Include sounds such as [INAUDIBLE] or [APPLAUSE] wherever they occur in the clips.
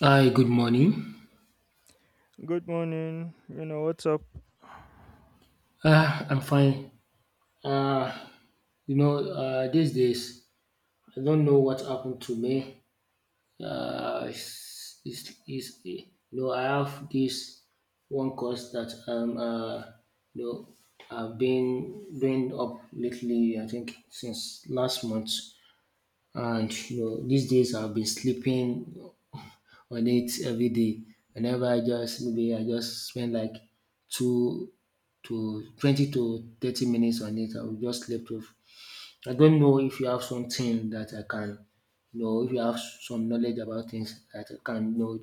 Hi, good morning. Good morning. What's up? I'm fine. Uh, these days, I don't know what happened to me. Uh, it's, it's, it's, you I have this one course that you know, I've been doing up lately, I think, since last month. And, you know, these days I've been sleeping on it every day. Whenever I just maybe I just spend like two to 20 to 30 minutes on it, I will just sleep off. I don't know if you have something that I can, you know, if you have some knowledge about things that I can, you know,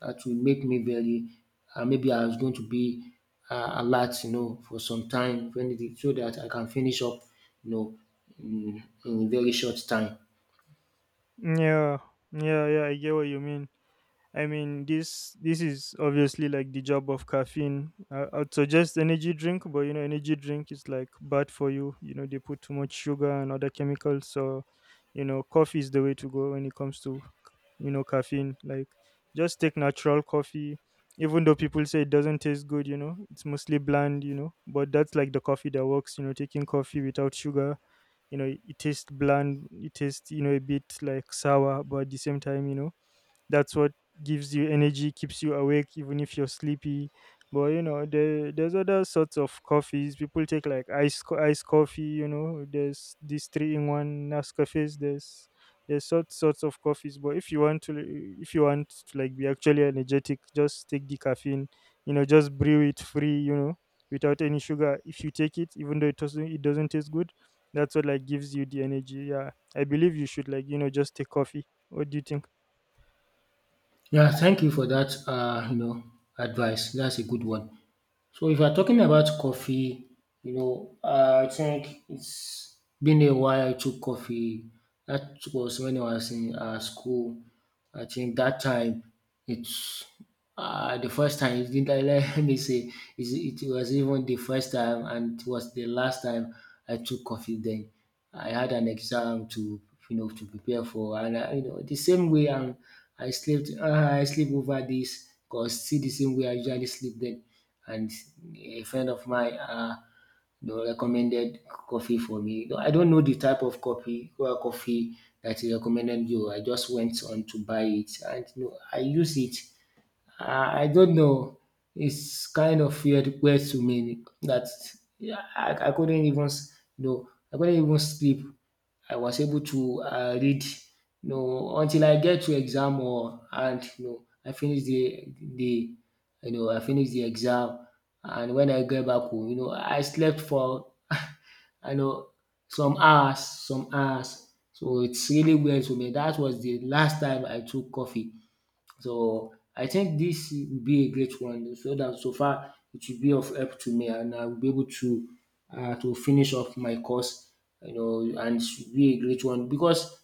that will make me very, maybe I was going to be alert, you know, for some time, so that I can finish up, you know, in very short time. Yeah, yeah, yeah, I get what you mean. I mean, this is obviously like the job of caffeine. I'd suggest energy drink, but you know, energy drink is like bad for you. You know, they put too much sugar and other chemicals. So, you know, coffee is the way to go when it comes to caffeine. Like, just take natural coffee. Even though people say it doesn't taste good, you know, it's mostly bland, you know, but that's like the coffee that works. You know, taking coffee without sugar, it tastes bland, it tastes, you know, a bit like sour, but at the same time, you know, that's what gives you energy, keeps you awake even if you're sleepy. But you know there's other sorts of coffees people take, like ice coffee. You know, there's these 3-in-1 nescafes. There's sorts of coffees. But if you want to like be actually energetic, just take the caffeine. You know, just brew it free, you know, without any sugar. If you take it, even though it doesn't taste good, that's what like gives you the energy. Yeah, I believe you should, like, you know, just take coffee. What do you think? Yeah, thank you for that, you know, advice. That's a good one. So if we are talking about coffee, you know, I think it's been a while I took coffee. That was when I was in school. I think that time it's the first time. It didn't, [LAUGHS] let me say it was even the first time and it was the last time I took coffee then. I had an exam to you know to prepare for and I, you know the same way I slept uh, I sleep over this cause still the same way I usually sleep then and a friend of mine you know, recommended coffee for me. No, I don't know the type of coffee well, coffee that he recommended you. I just went on to buy it and you know, I use it. I don't know. It's kind of weird to me that yeah, I couldn't even you know I couldn't even sleep. I was able to read you know until I get to exam or and you know I finish the you know I finish the exam, and when I get back home you know I slept for [LAUGHS] I know some hours some hours. So it's really weird to me. That was the last time I took coffee. So I think this will be a great one. So that so far it will be of help to me, and I will be able to finish off my course, you know, and it should be a great one because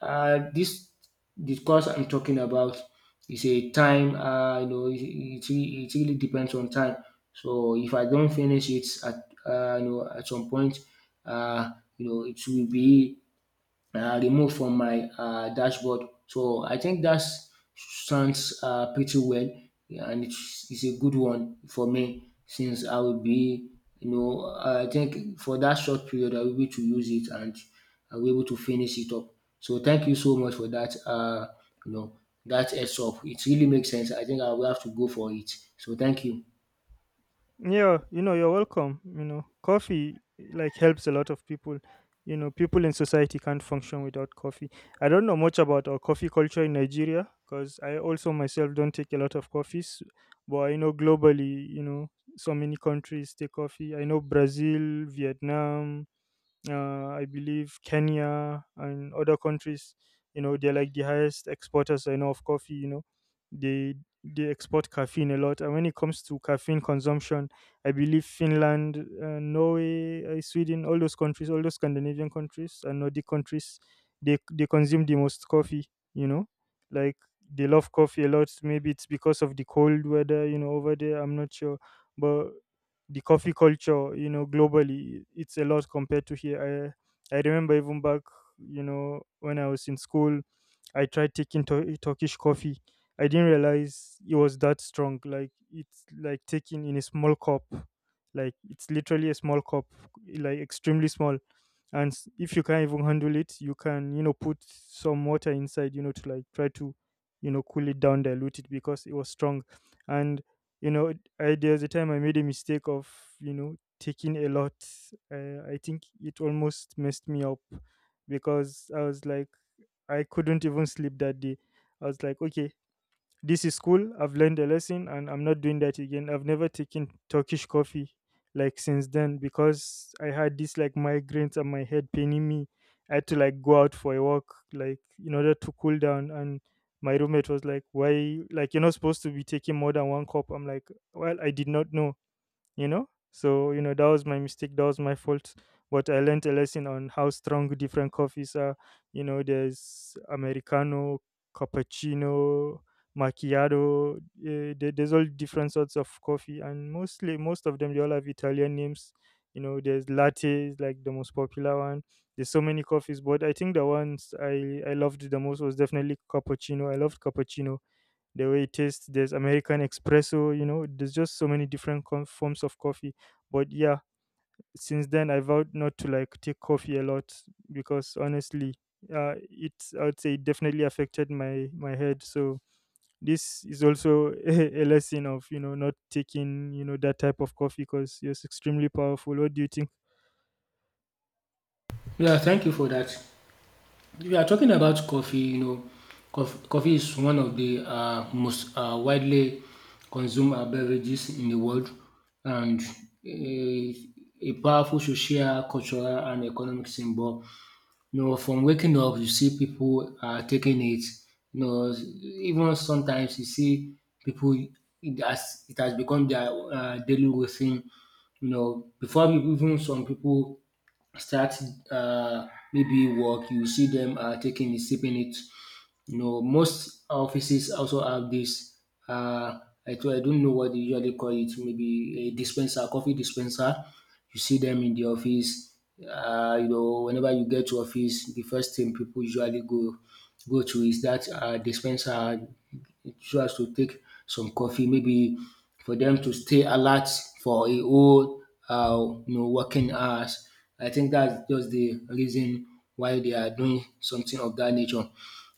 this the course I'm talking about is a time, you know, it really depends on time. So if I don't finish it at you know at some point, uh, you know, it will be remote from my dashboard. So I think that sounds pretty well, and it's a good one for me since I will be, you know, I think for that short period I will be able to use it and I will be able to finish it up. So thank you so much for that. You know, that heads up. It really makes sense. I think I will have to go for it. So thank you. Yeah, you know, you're welcome. You know, coffee like helps a lot of people. You know, people in society can't function without coffee. I don't know much about our coffee culture in Nigeria, because I also myself don't take a lot of coffees. But I know globally, you know, so many countries take coffee. I know Brazil, Vietnam, I believe Kenya and other countries. You know, they're like the highest exporters I know of coffee. You know, they they export caffeine a lot. And when it comes to caffeine consumption, I believe Finland, Norway, Sweden, all those countries, all those Scandinavian countries and Nordic countries, they consume the most coffee. You know, like, they love coffee a lot. Maybe it's because of the cold weather. You know, over there, I'm not sure, but the coffee culture, you know, globally, it's a lot compared to here. I remember even back, you know, when I was in school, I tried taking Turkish coffee. I didn't realize it was that strong. Like, it's like taking in a small cup, like it's literally a small cup, like extremely small. And if you can't even handle it, you can, you know, put some water inside, you know, to like try to, you know, cool it down, dilute it because it was strong. And you know, I, there's a time I made a mistake of, you know, taking a lot. I think it almost messed me up because I was like, I couldn't even sleep that day. I was like, okay, this is cool. I've learned a lesson and I'm not doing that again. I've never taken Turkish coffee like since then, because I had this like migraines and my head paining me. I had to like go out for a walk, like in order to cool down. And my roommate was like, "Why, like, you're not supposed to be taking more than 1 cup?" I'm like, "Well, I did not know." You know, so you know, that was my mistake, that was my fault. But I learned a lesson on how strong different coffees are. You know, there's americano, cappuccino, macchiato, there's all different sorts of coffee, and mostly most of them, they all have italian names. You know, there's latte, like the most popular one. There's so many coffees, but I think the ones I loved the most was definitely cappuccino. I loved cappuccino, the way it tastes. There's american espresso. You know, there's just so many different forms of coffee. But yeah, since then I vowed not to like take coffee a lot, because honestly, it's, I would say, it definitely affected my head. So this is also [LAUGHS] a lesson of, you know, not taking, you know, that type of coffee, because it's extremely powerful. What do you think? Yeah, thank you for that. We are talking about coffee, you know, coffee is one of the most widely consumed beverages in the world and a, a powerful social, cultural, and economic symbol. You know, from waking up, you see people taking it. You know, even sometimes you see people, it has become their daily routine. You know, even some people start uh, maybe work, you see them taking it, sipping it. You know, most offices also have this. Uh, I don't know what they usually call it. Maybe a dispenser, coffee dispenser. You see them in the office. You know, whenever you get to office, the first thing people usually go to is that dispenser so as to take some coffee, maybe for them to stay alert for a whole you know, working hours. I think that's just the reason why they are doing something of that nature.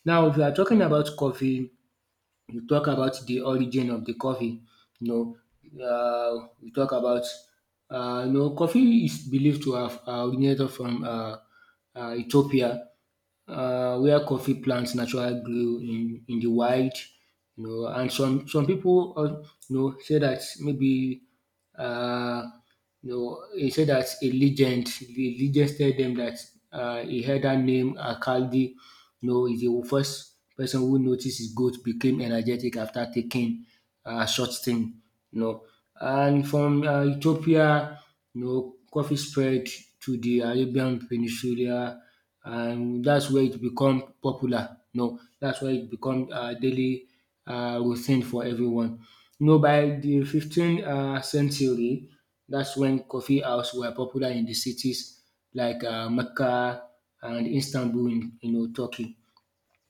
Now, if you are talking about coffee, you talk about the origin of the coffee. You we talk about you know, coffee is believed to have originated from Ethiopia, where coffee plants naturally grew in the wild. You know, and some people you know say that maybe uh, you know, he said that the legend tell them that he heard that name Akaldi. You know, is the first person who noticed his goat became energetic after taking a short thing. You know, and from Ethiopia, you know, coffee spread to the Arabian Peninsula, and that's where it become popular. You know, that's where it become daily routine for everyone. You know by the 15th century, that's when coffee house were popular in the cities like Mecca and Istanbul in you know Turkey.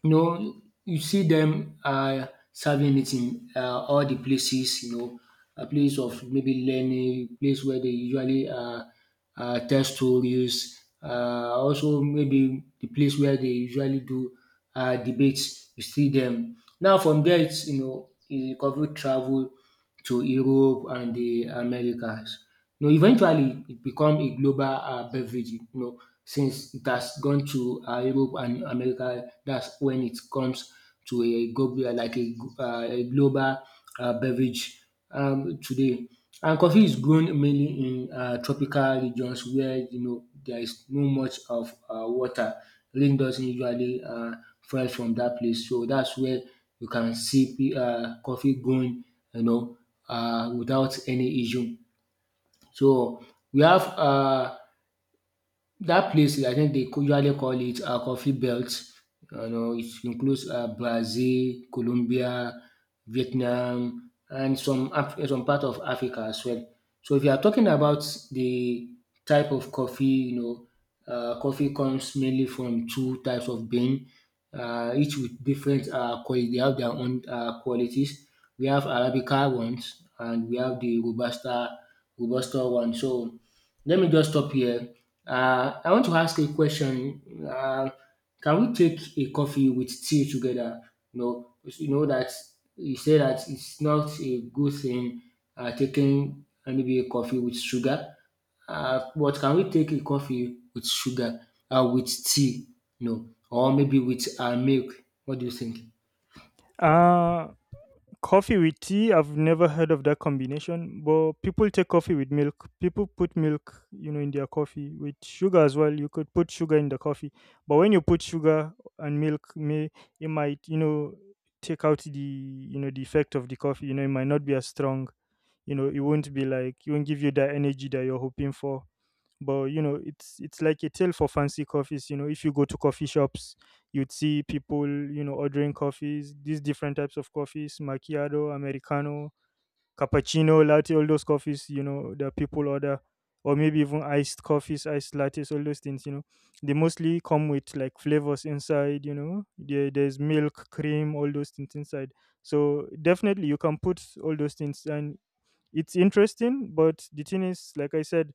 You know, you see them serving it in all the places, you know, a place of maybe learning, place where they usually tell stories, also maybe the place where they usually do debates, you see them. Now from there it's you know, you cover travel to Europe and the Americas. You know, eventually it become a global beverage you know since it has gone to Europe and America. That's when it comes to a global like a global beverage today. And coffee is grown mainly in tropical regions where you know there is no much of water. Rain doesn't usually fall from that place so that's where you can sip coffee going you know without any issue. So we have. That place, I think they usually call it a coffee belt. You know, it includes Brazil, Colombia, Vietnam, and some part of Africa as well. So if you are talking about the type of coffee, you know, coffee comes mainly from two types of bean, each with different quality. They have their own qualities. We have Arabica ones, and we have Robusta one. So let me just stop here. I want to ask a question. Can we take a coffee with tea together? You know that you say that it's not a good thing taking maybe a coffee with sugar. But can we take a coffee with sugar, with tea? No, or maybe with milk? What do you think? uh Coffee with tea, I've never heard of that combination, but people take coffee with milk. People put milk, you know, in their coffee with sugar as well. You could put sugar in the coffee, but when you put sugar and milk, may it might, you know, take out the, you know, the effect of the coffee. You know, it might not be as strong. You know, it won't be like, it won't give you that energy that you're hoping for. But you know, it's like a tale for fancy coffees. You know, if you go to coffee shops, you'd see people, you know, ordering coffees, these different types of coffees, macchiato, americano, cappuccino, latte, all those coffees, you know, that people order, or maybe even iced coffees, iced lattes, all those things, you know. They mostly come with like flavors inside, you know. There's milk, cream, all those things inside. So definitely you can put all those things and it's interesting. But the thing is, like I said,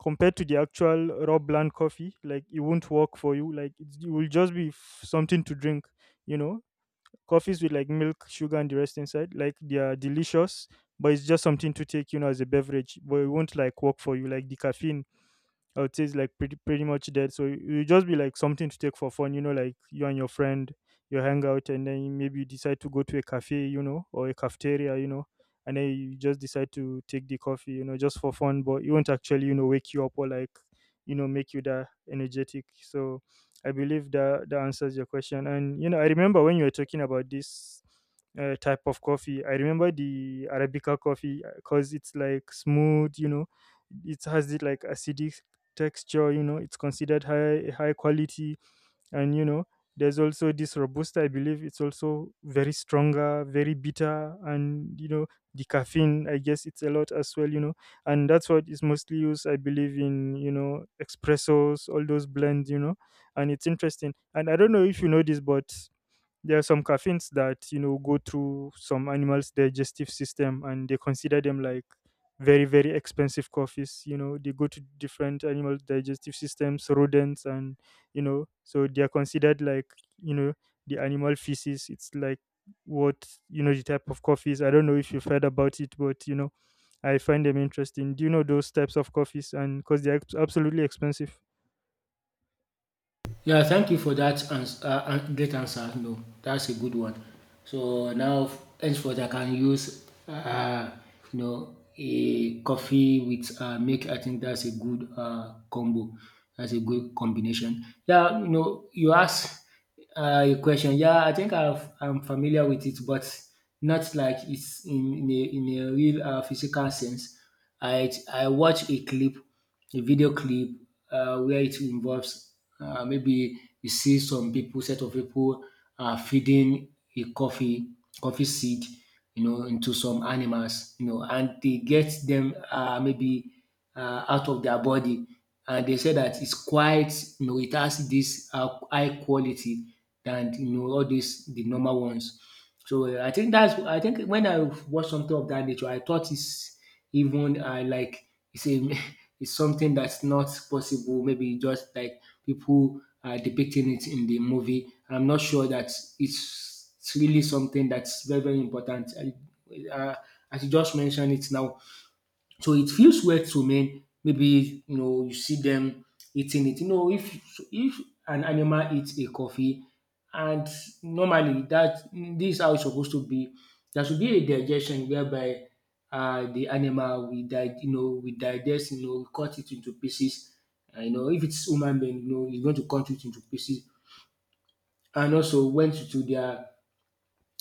compared to the actual raw blend coffee, like it won't work for you. Like it will just be something to drink, you know. Coffees with like milk, sugar and the rest inside, like, they are delicious, but it's just something to take, you know, as a beverage. But it won't like work for you like the caffeine. I would say it's like pretty much dead. So it will just be like something to take for fun, you know, like you and your friend, you hang out, and then maybe you decide to go to a cafe, you know, or a cafeteria, you know, and then you just decide to take the coffee, you know, just for fun, but it won't actually, you know, wake you up or like, you know, make you that energetic. So I believe that that answers your question. And you know, I remember when you were talking about this type of coffee. I remember the Arabica coffee because it's like smooth, you know, it has it like acidic texture, you know, it's considered high quality. And you know, there's also this robusta, I believe it's also very stronger, very bitter, and you know, the caffeine, I guess it's a lot as well, you know. And that's what is mostly used, I believe, in, you know, espressos, all those blends, you know. And it's interesting. And I don't know if you know this, but there are some caffeines that, you know, go through some animals digestive system, and they consider them like very expensive coffees. You know, they go to different animal digestive systems, rodents, and you know, so they are considered like, you know, the animal feces, it's like what, you know, the type of coffees. I don't know if you've heard about it, but you know, I find them interesting. Do you know those types of coffees? And because they're absolutely expensive. Yeah, thank you for that great answer. No, that's a good one. So now, henceforth, I can use, you know, a coffee with milk. I think that's a good combo. That's a good combination. Yeah, you know, you asked a question. Yeah, I'm familiar with it, but not like it's in a real physical sense. I watch a video clip where it involves maybe you see set of people feeding a coffee coffee seed, you know, into some animals, you know, and they get them maybe out of their body, and they say that it's quite, you know, it has this high quality than you know all these the normal ones. So I think when I watched something of that nature, I thought it's even like it's a [LAUGHS] it's something that's not possible. Maybe just like people are depicting it in the movie. I'm not sure that it's really something that's very important. As you just mentioned it now, so it feels weird to men. Maybe you know you see them eating it. You know, if an animal eats a coffee, and normally that this is how it's supposed to be. There should be a digestion whereby the animal you know we digest, you know, cut it into pieces. And, you know, if it's human being, you know, it's going to cut it into pieces. And also went to their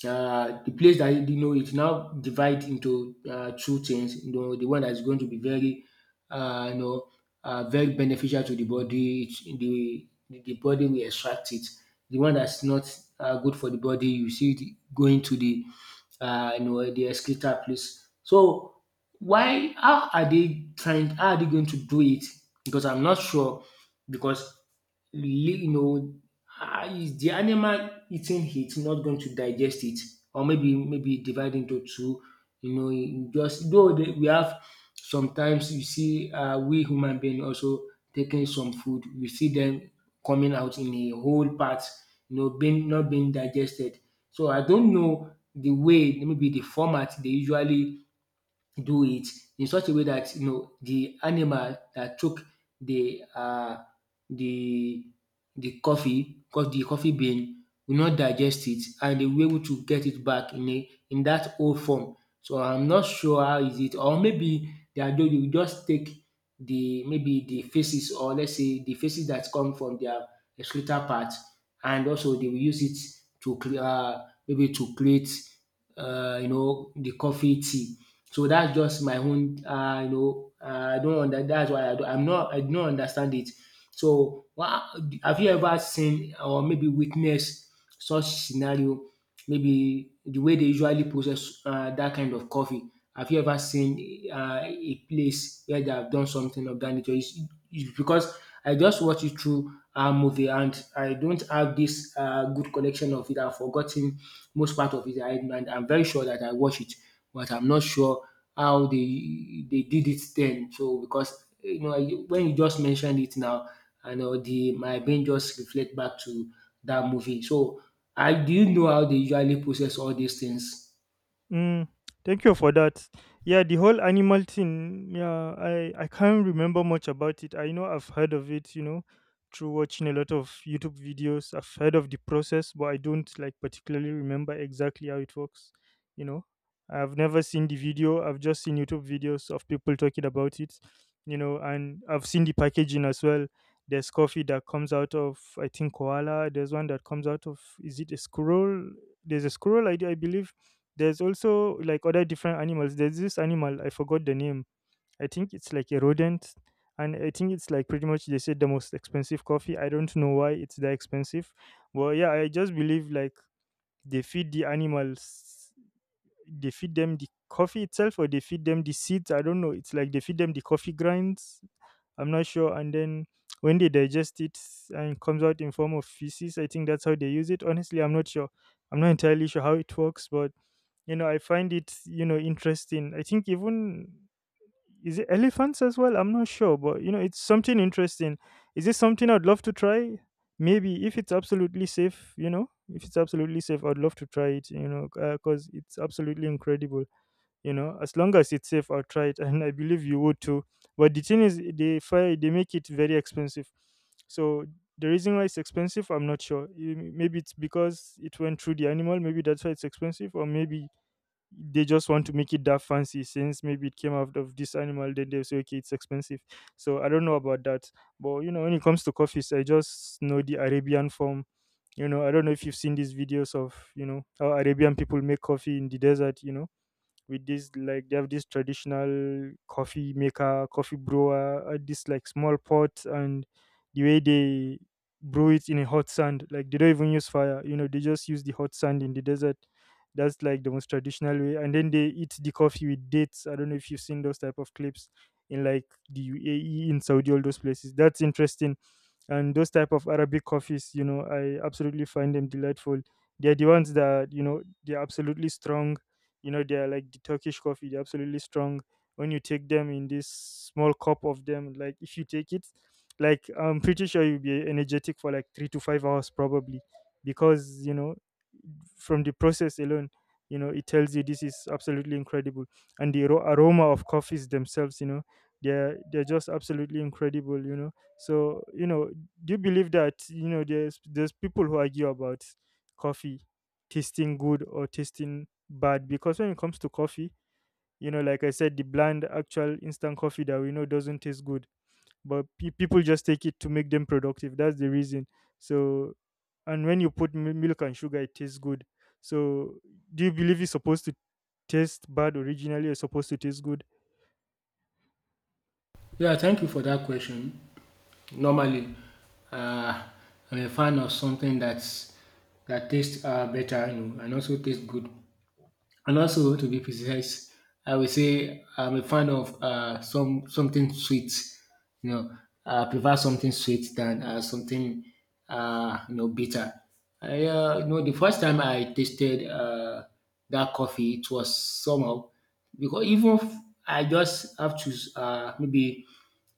the place that you know it now divide into two things. You know, the one that is going to be very, uh, you know, very beneficial to the body. The body will extract it. The one that's not good for the body, you see it going to the, you know, the excreta place. So why? How are they trying? How are they going to do it? Because I'm not sure. Because you know, ah, is the animal eating it not going to digest it, or maybe divide into two? You know, in just though they, we have sometimes you see we human being also taking some food. You see them coming out in a whole part, you know, being not being digested. So I don't know the way, maybe the format they usually do it in such a way that you know the animal that took the uh, the the coffee cause the coffee bean will not digest it and they will be able to get it back in a in that old form. So I'm not sure how is it, or maybe they are doing, you just take the, maybe the faces, or let's say the faces that come from their excretor part, and also they will use it to maybe to create you know, the coffee tea. So that's just my own I don't under that's why I don't, I do not understand it. So wha have you ever seen, or maybe witnessed, such scenario, maybe the way they usually process dat kind of coffee? Have you ever seen a place where they have done something of that nature? Is because I just watched it through a movie and I don't have this good collection of it. I've forgotten most part of it, and I'm very sure that I watched it, but I'm not sure how they did it then. So because you know when you just mentioned it now, I know the my brain just reflect back to that movie. So I do you know how they usually process all these things? Mm, thank you for that. Yeah, the whole animal thing. Yeah, I can't remember much about it. I know I've heard of it. You know, through watching a lot of YouTube videos, I've heard of the process, but I don't like particularly remember exactly how it works. You know, I've never seen the video. I've just seen YouTube videos of people talking about it. You know, and I've seen the packaging as well. There's coffee that comes out of, I think, koala. There's one that comes out of, is it a squirrel? There's a squirrel, I believe there's also like other different animals. There's this animal, I forgot the name. I think it's like a rodent. And I think it's like pretty much, they said, the most expensive coffee. I don't know why it's that expensive. But yeah, I just believe like they feed the animals, they feed them the coffee itself, or they feed them the seeds. I don't know. It's like they feed them the coffee grinds. I'm not sure. And then when they digest it and comes out in form of feces, I think that's how they use it. Honestly, I'm not sure. I'm not entirely sure how it works, but I find it, interesting. I think even, is it elephants as well? I'm not sure, but you know, it's something interesting. Is it something I'd love to try? Maybe if it's absolutely safe. You know, if it's absolutely safe, I'd love to try it, you know, because it's absolutely incredible. You know, as long as it's safe, I'll try it. [LAUGHS] And I believe you would too. But the thing is, they make it very expensive. So the reason why it's expensive, I'm not sure. Maybe it's because it went through the animal, maybe that's why it's expensive. Or maybe they just want to make it that fancy, since maybe it came out of this animal, then they say, okay, it's expensive. So I don't know about that. But you know, when it comes to coffees, I just know the Arabian form. You know, I don't know if you've seen these videos of, you know, how Arabian people make coffee in the desert, you know, with this, like, they have this traditional coffee maker, coffee brewer, this like small pot. And the way they brew it in a hot sand, like they don't even use fire, you know, they just use the hot sand in the desert. That's like the most traditional way. And then they eat the coffee with dates. I don't know if you've seen those type of clips in like the UAE, in Saudi, all those places. That's interesting. And those type of Arabic coffees, you know, I absolutely find them delightful. They're the ones that, you know, they're absolutely strong. You know, they're like the Turkish coffee, they're absolutely strong. When you take them in this small cup of them, like if you take it, like I'm pretty sure you'll be energetic for like 3 to 5 hours probably. Because, you know, from the process alone, you know, it tells you this is absolutely incredible. And the aroma of coffees themselves, you know, they're just absolutely incredible, you know. So, you know, do you believe that, you know, there's people who argue about coffee tasting good or tasting bad? Because when it comes to coffee, you know, like I said, the bland actual instant coffee that we know doesn't taste good, but people just take it to make them productive. That's the reason. So, and when you put milk and sugar, it tastes good. So, do you believe it's supposed to taste bad originally, or supposed to taste good? Yeah, thank you for that question. Normally, uh, I'm a fan of something that tastes better, you know, and also tastes good. And also, to be precise, I would say I'm a fan of something sweet. You know, I prefer something sweet than something you know, bitter. You know, the first time I tasted that coffee, it was somehow, because even if I just have to maybe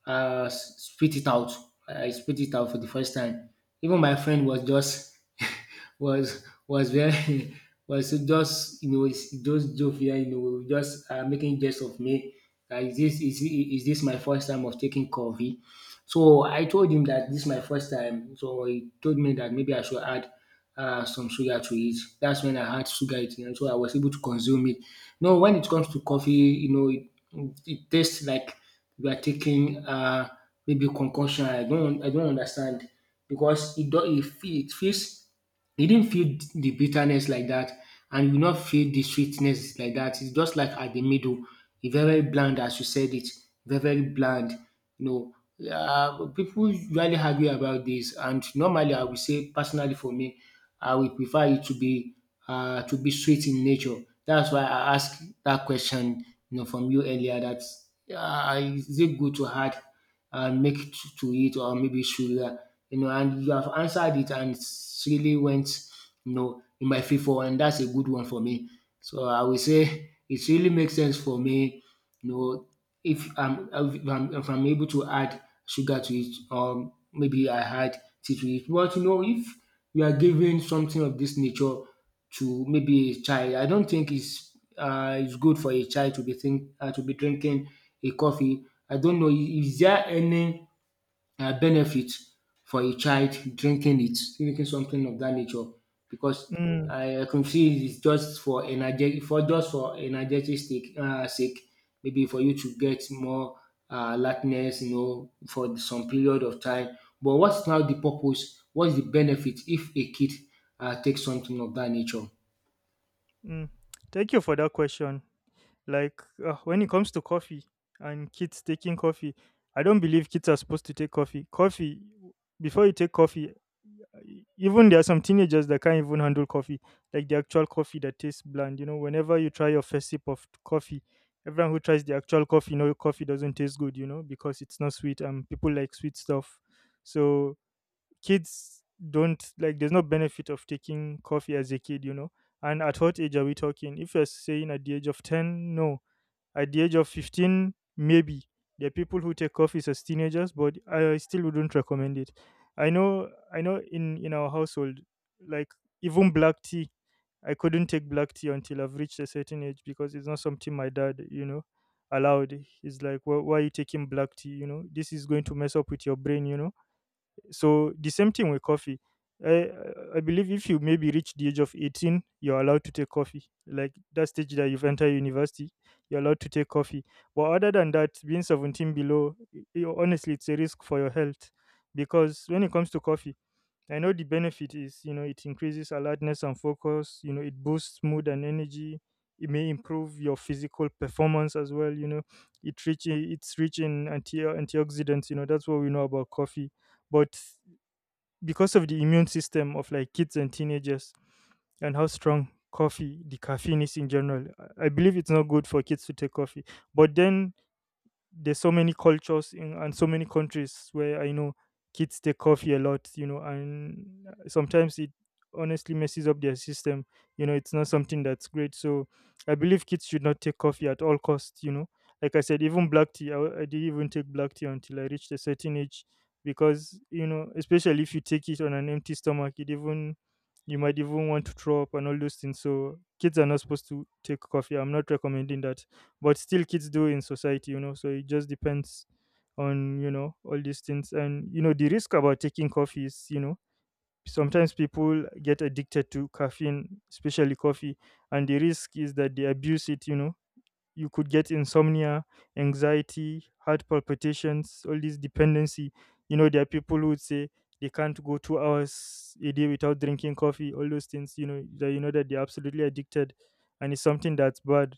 spit it out. I spit it out for the first time. Even my friend was just [LAUGHS] [LAUGHS] was very [LAUGHS] was just, you know, it's just jovial, you know, just making jest of me. Is is this my first time of taking coffee? So I told him that this is my first time, so he told me that maybe I should add some sugar to it. That's when I had sugar eating, and so I was able to consume it. No, when it comes to coffee, you know, it tastes like we are taking maybe concoction. I don't understand, because it feels, it didn't feel the bitterness like that, and you not feel the sweetness like that. It's just like at the middle, it's very bland, as you said it, very very bland. You know, people usually argue about this, and normally I would say personally for me I will prefer it to be sweet in nature. That's why I asked that question, you know, from you earlier. That is it good to add milk to it, or maybe sugar? You know, and you have answered it and it's really went, you know, in my favor, and that's a good one for me. So I will say it really makes sense for me. You know, if I'm able to add sugar to it, or maybe I add tea to it. But you know, if you are giving something of this nature to maybe a child, I don't think it's good for a child to be think to be drinking a coffee. I don't know. Is there any benefit for a child drinking it, drinking something of that nature, because mm, I can see it's just for energetic sake, maybe for you to get more alertness, you know, for some period of time. But what's now the purpose? What's the benefit if a kid takes something of that nature? mm. Thank you for that question. Like, when it comes to coffee and kids taking coffee, I don't believe kids are supposed to take coffee. Coffee, before you take coffee, even there are some teenagers that can't even handle coffee, like the actual coffee that tastes bland. You know, whenever you try your first sip of coffee, everyone who tries the actual coffee know coffee doesn't taste good, you know, because it's not sweet and people like sweet stuff. So, kids don't like, there's no benefit of taking coffee as a kid, you know. And at what age are we talking? If you're saying at the age of 10, no. At the age of 15, maybe. There are people who take coffees as teenagers, but I still wouldn't recommend it. I know. In our household, like, even black tea, I couldn't take black tea until I've reached a certain age, because it's not something my dad, you know, allowed. He's like, well, why are you taking black tea? You know, this is going to mess up with your brain. You know, so the same thing with coffee. I, I believe if you maybe reach the age of 18, you're allowed to take coffee. Like that stage that you've entered university, you're allowed to take coffee. But other than that, being 17 below, honestly, it's a risk for your health. Because when it comes to coffee, I know the benefit is, you know, it increases alertness and focus, you know, it boosts mood and energy. It may improve your physical performance as well, you know. It's rich in antioxidants, you know, that's what we know about coffee. But because of the immune system of like kids and teenagers, and how strong coffee, the caffeine is in general, I believe it's not good for kids to take coffee. But then, there's so many cultures in, and so many countries where I know kids take coffee a lot, you know, and sometimes it honestly messes up their system. You know, it's not something that's great. So I believe kids should not take coffee at all costs, you know. Like I said, even black tea, I didn't even take black tea until I reached a certain age, because, you know, especially if you take it on an empty stomach, it even, you might even want to throw up and all those things. So kids are not supposed to take coffee. I'm not recommending that, but still, kids do in society, you know. So it just depends on, you know, all these things. And you know, the risk about taking coffee is, you know, sometimes people get addicted to caffeine, especially coffee. And the risk is that they abuse it, you know. You could get insomnia, anxiety, heart palpitations, all these dependency. You know, there are people who would say they can't go 2 hours a day without drinking coffee, all those things, you know that they're absolutely addicted, and it's something that's bad.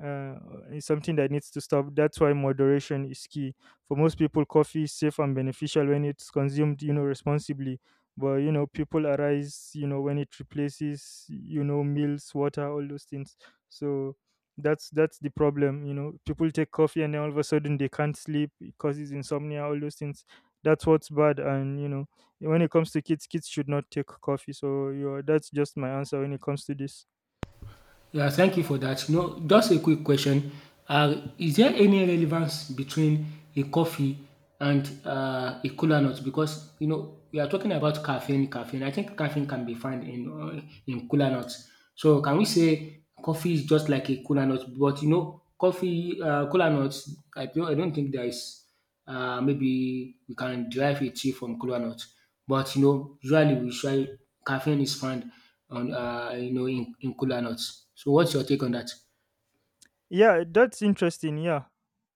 Uh, it's something that needs to stop. That's why moderation is key. For most people, coffee is safe and beneficial when it's consumed, you know, responsibly. But you know, people arise, you know, when it replaces, you know, meals, water, all those things. So that's the problem. You know, people take coffee and then all of a sudden they can't sleep, it causes insomnia, all those things. That's what's bad. And you know, when it comes to kids, kids should not take coffee. So you know, that's just my answer when it comes to this. Yeah, thank you for that. You know, just a quick question. Is there any relevance between a coffee and a cola nut? Because you know we are talking about caffeine. Caffeine. I think caffeine can be found in cola nuts. So can we say coffee is just like a cola nut? But you know, coffee cola nuts. I don't think there is maybe we can derive a tea from cola nut. But you know, usually we try, caffeine is found on you know, in cola nuts. So what's your take on that? Yeah, that's interesting. Yeah,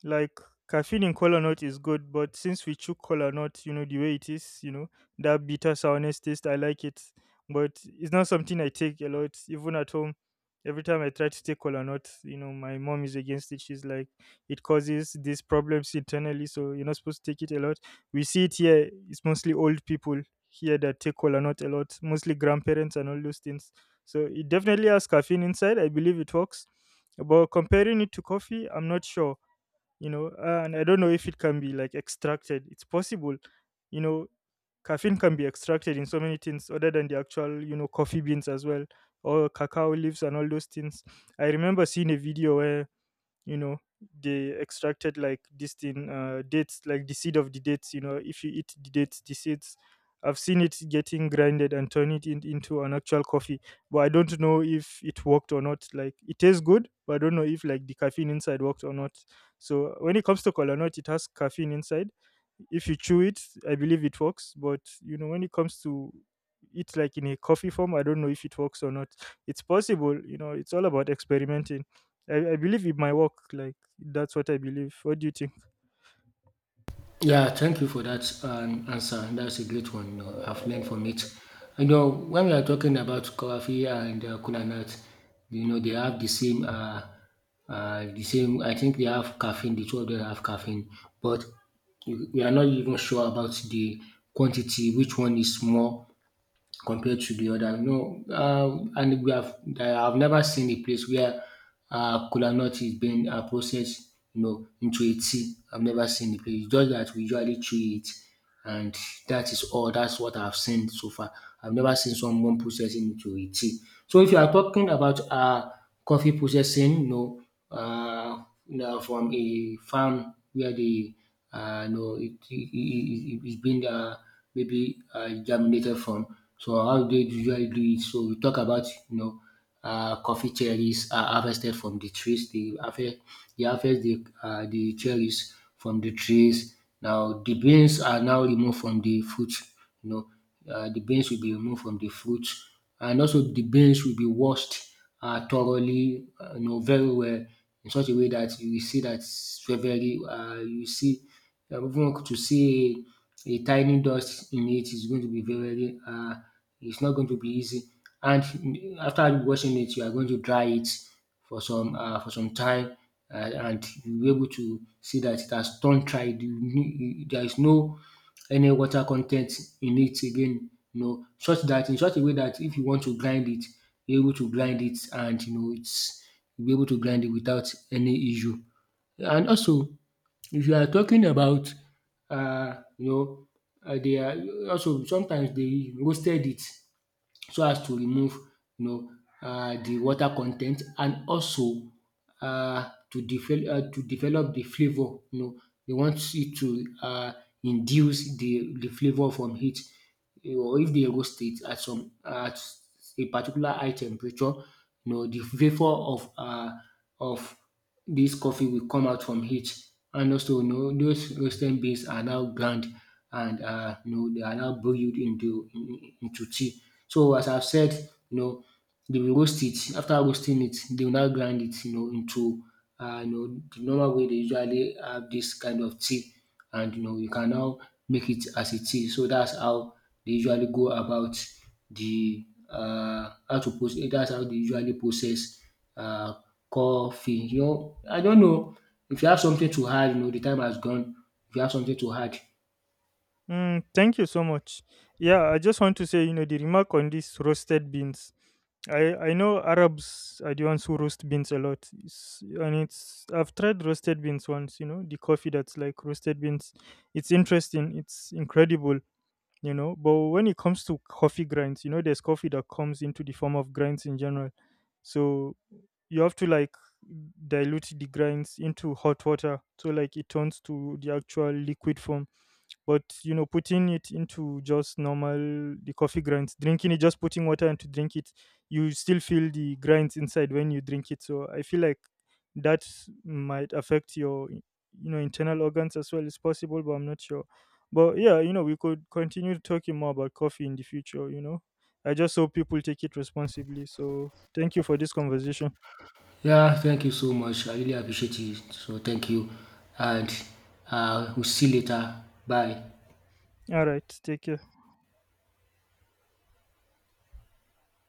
like, caffeine in cola nut is good, but since we chew cola nut, you know the way it is, you know, that bitter sourness taste. I like it, but it's not something I take a lot, even at home. Every time I try to take cola nut, you know my mom is against it. She's like, it causes these problems internally, so you're not supposed to take it a lot. We see it here. It's mostly old people here that take cola nut a lot, mostly grandparents and all those things. So it definitely has caffeine inside. I believe it works, but comparing it to coffee, I'm not sure, you know. And I don't know if it can be like extracted. It's possible, you know, caffeine can be extracted in so many things other than the actual, you know, coffee beans as well, or cacao leaves and all those things. I remember seeing a video where, you know, they extracted like this thing, dates, like the seed of the dates. You know, if you eat the dates, the seeds, I've seen it getting grinded and into an actual coffee. But I don't know if it worked or not. Like, it tastes good, but I don't know if like the caffeine inside worked or not. So when it comes to cola nut, it has caffeine inside. If you chew it, I believe it works. But you know, when it comes to it like in a coffee form, I don't know if it works or not. It's possible, you know, it's all about experimenting. I believe it might work. Like, that's what I believe. What do you think? Yeah, thank you for that answer. That's a great one. You know, I've learned from it. You know, when we are talking about coffee and kola nut, you know, they have the same. I think they have caffeine. The two of them have caffeine, but we are not even sure about the quantity, which one is more compared to the other. You know, and we have I've never seen a place where kola nut is being processed, you know, into a tea. I've never seen a place. It's just that we usually chew it, and that is all. That's what I've seen so far. I've never seen someone processing into a tea. So if you are talking about coffee processing, uh, you know, from a farm where you know it's been maybe germinated from. So how do they usually do it? So we talk about, you know, coffee cherries are harvested from the trees. They harvest the cherries from the trees. Now the beans are now removed from the fruit. You know, the beans will be removed from the fruit, and also the beans will be washed thoroughly, you know, very well, in such a way that you will see that it's very, very you see, even to see a tiny dust in it is going to be it's not going to be easy. And after washing it, you are going to dry it for some time, and you'll be able to see that it has turned dry. There is no any water content in it again, you know, such that in such a way that if you want to grind it, you're able to grind it, and you know it's you'll be able to grind it without any issue. And also, if you are talking about, you know, they are also sometimes they roasted it, so as to remove, you know, the water con ten t, and also to develop the flavour, you know, they want it to induce the flavour from it. Or if they roast it at some at a particular high temperature, you know, the flavour of of this coffee will come out from heat. And also, you know, those roasted beans are now ground, and you know, they are now brewed into tea. So as I've said, you know, they will roast it. After roasting it, they will now grind it, you know, into you know, the normal way they usually have this kind of tea, and you know, you can now make it as a tea. So that's how they usually go about the how to process. That's how they usually process uh, coffee. You know, I don't know if you have something to add, you know, the time has gone. If you have something to add. Mm, thank you so much. Yeah, I just want to say, you know, the remark on these roasted beans. I know Arabs are the ones who roast beans a lot. And it's I've tried roasted beans once. You know, the coffee that's like roasted beans. It's interesting. It's incredible. You know, but when it comes to coffee grinds, you know, there's coffee that comes into the form of grinds in general. So you have to like dilute the grinds into hot water, so like it turns to the actual liquid form. But you know, putting it into just normal, the coffee grinds, drinking it, just putting water and to drink it, you still feel the grinds inside when you drink it. So I feel like that might affect your, you know, internal organs as well. It's possible, but I'm not sure. But yeah, you know, we could continue talking more about coffee in the future. You know, I just hope people take it responsibly. So thank you for this conversation. Yeah, thank you so much. I really appreciate it. So thank you, and we'll see you later. Bye. All right, take care.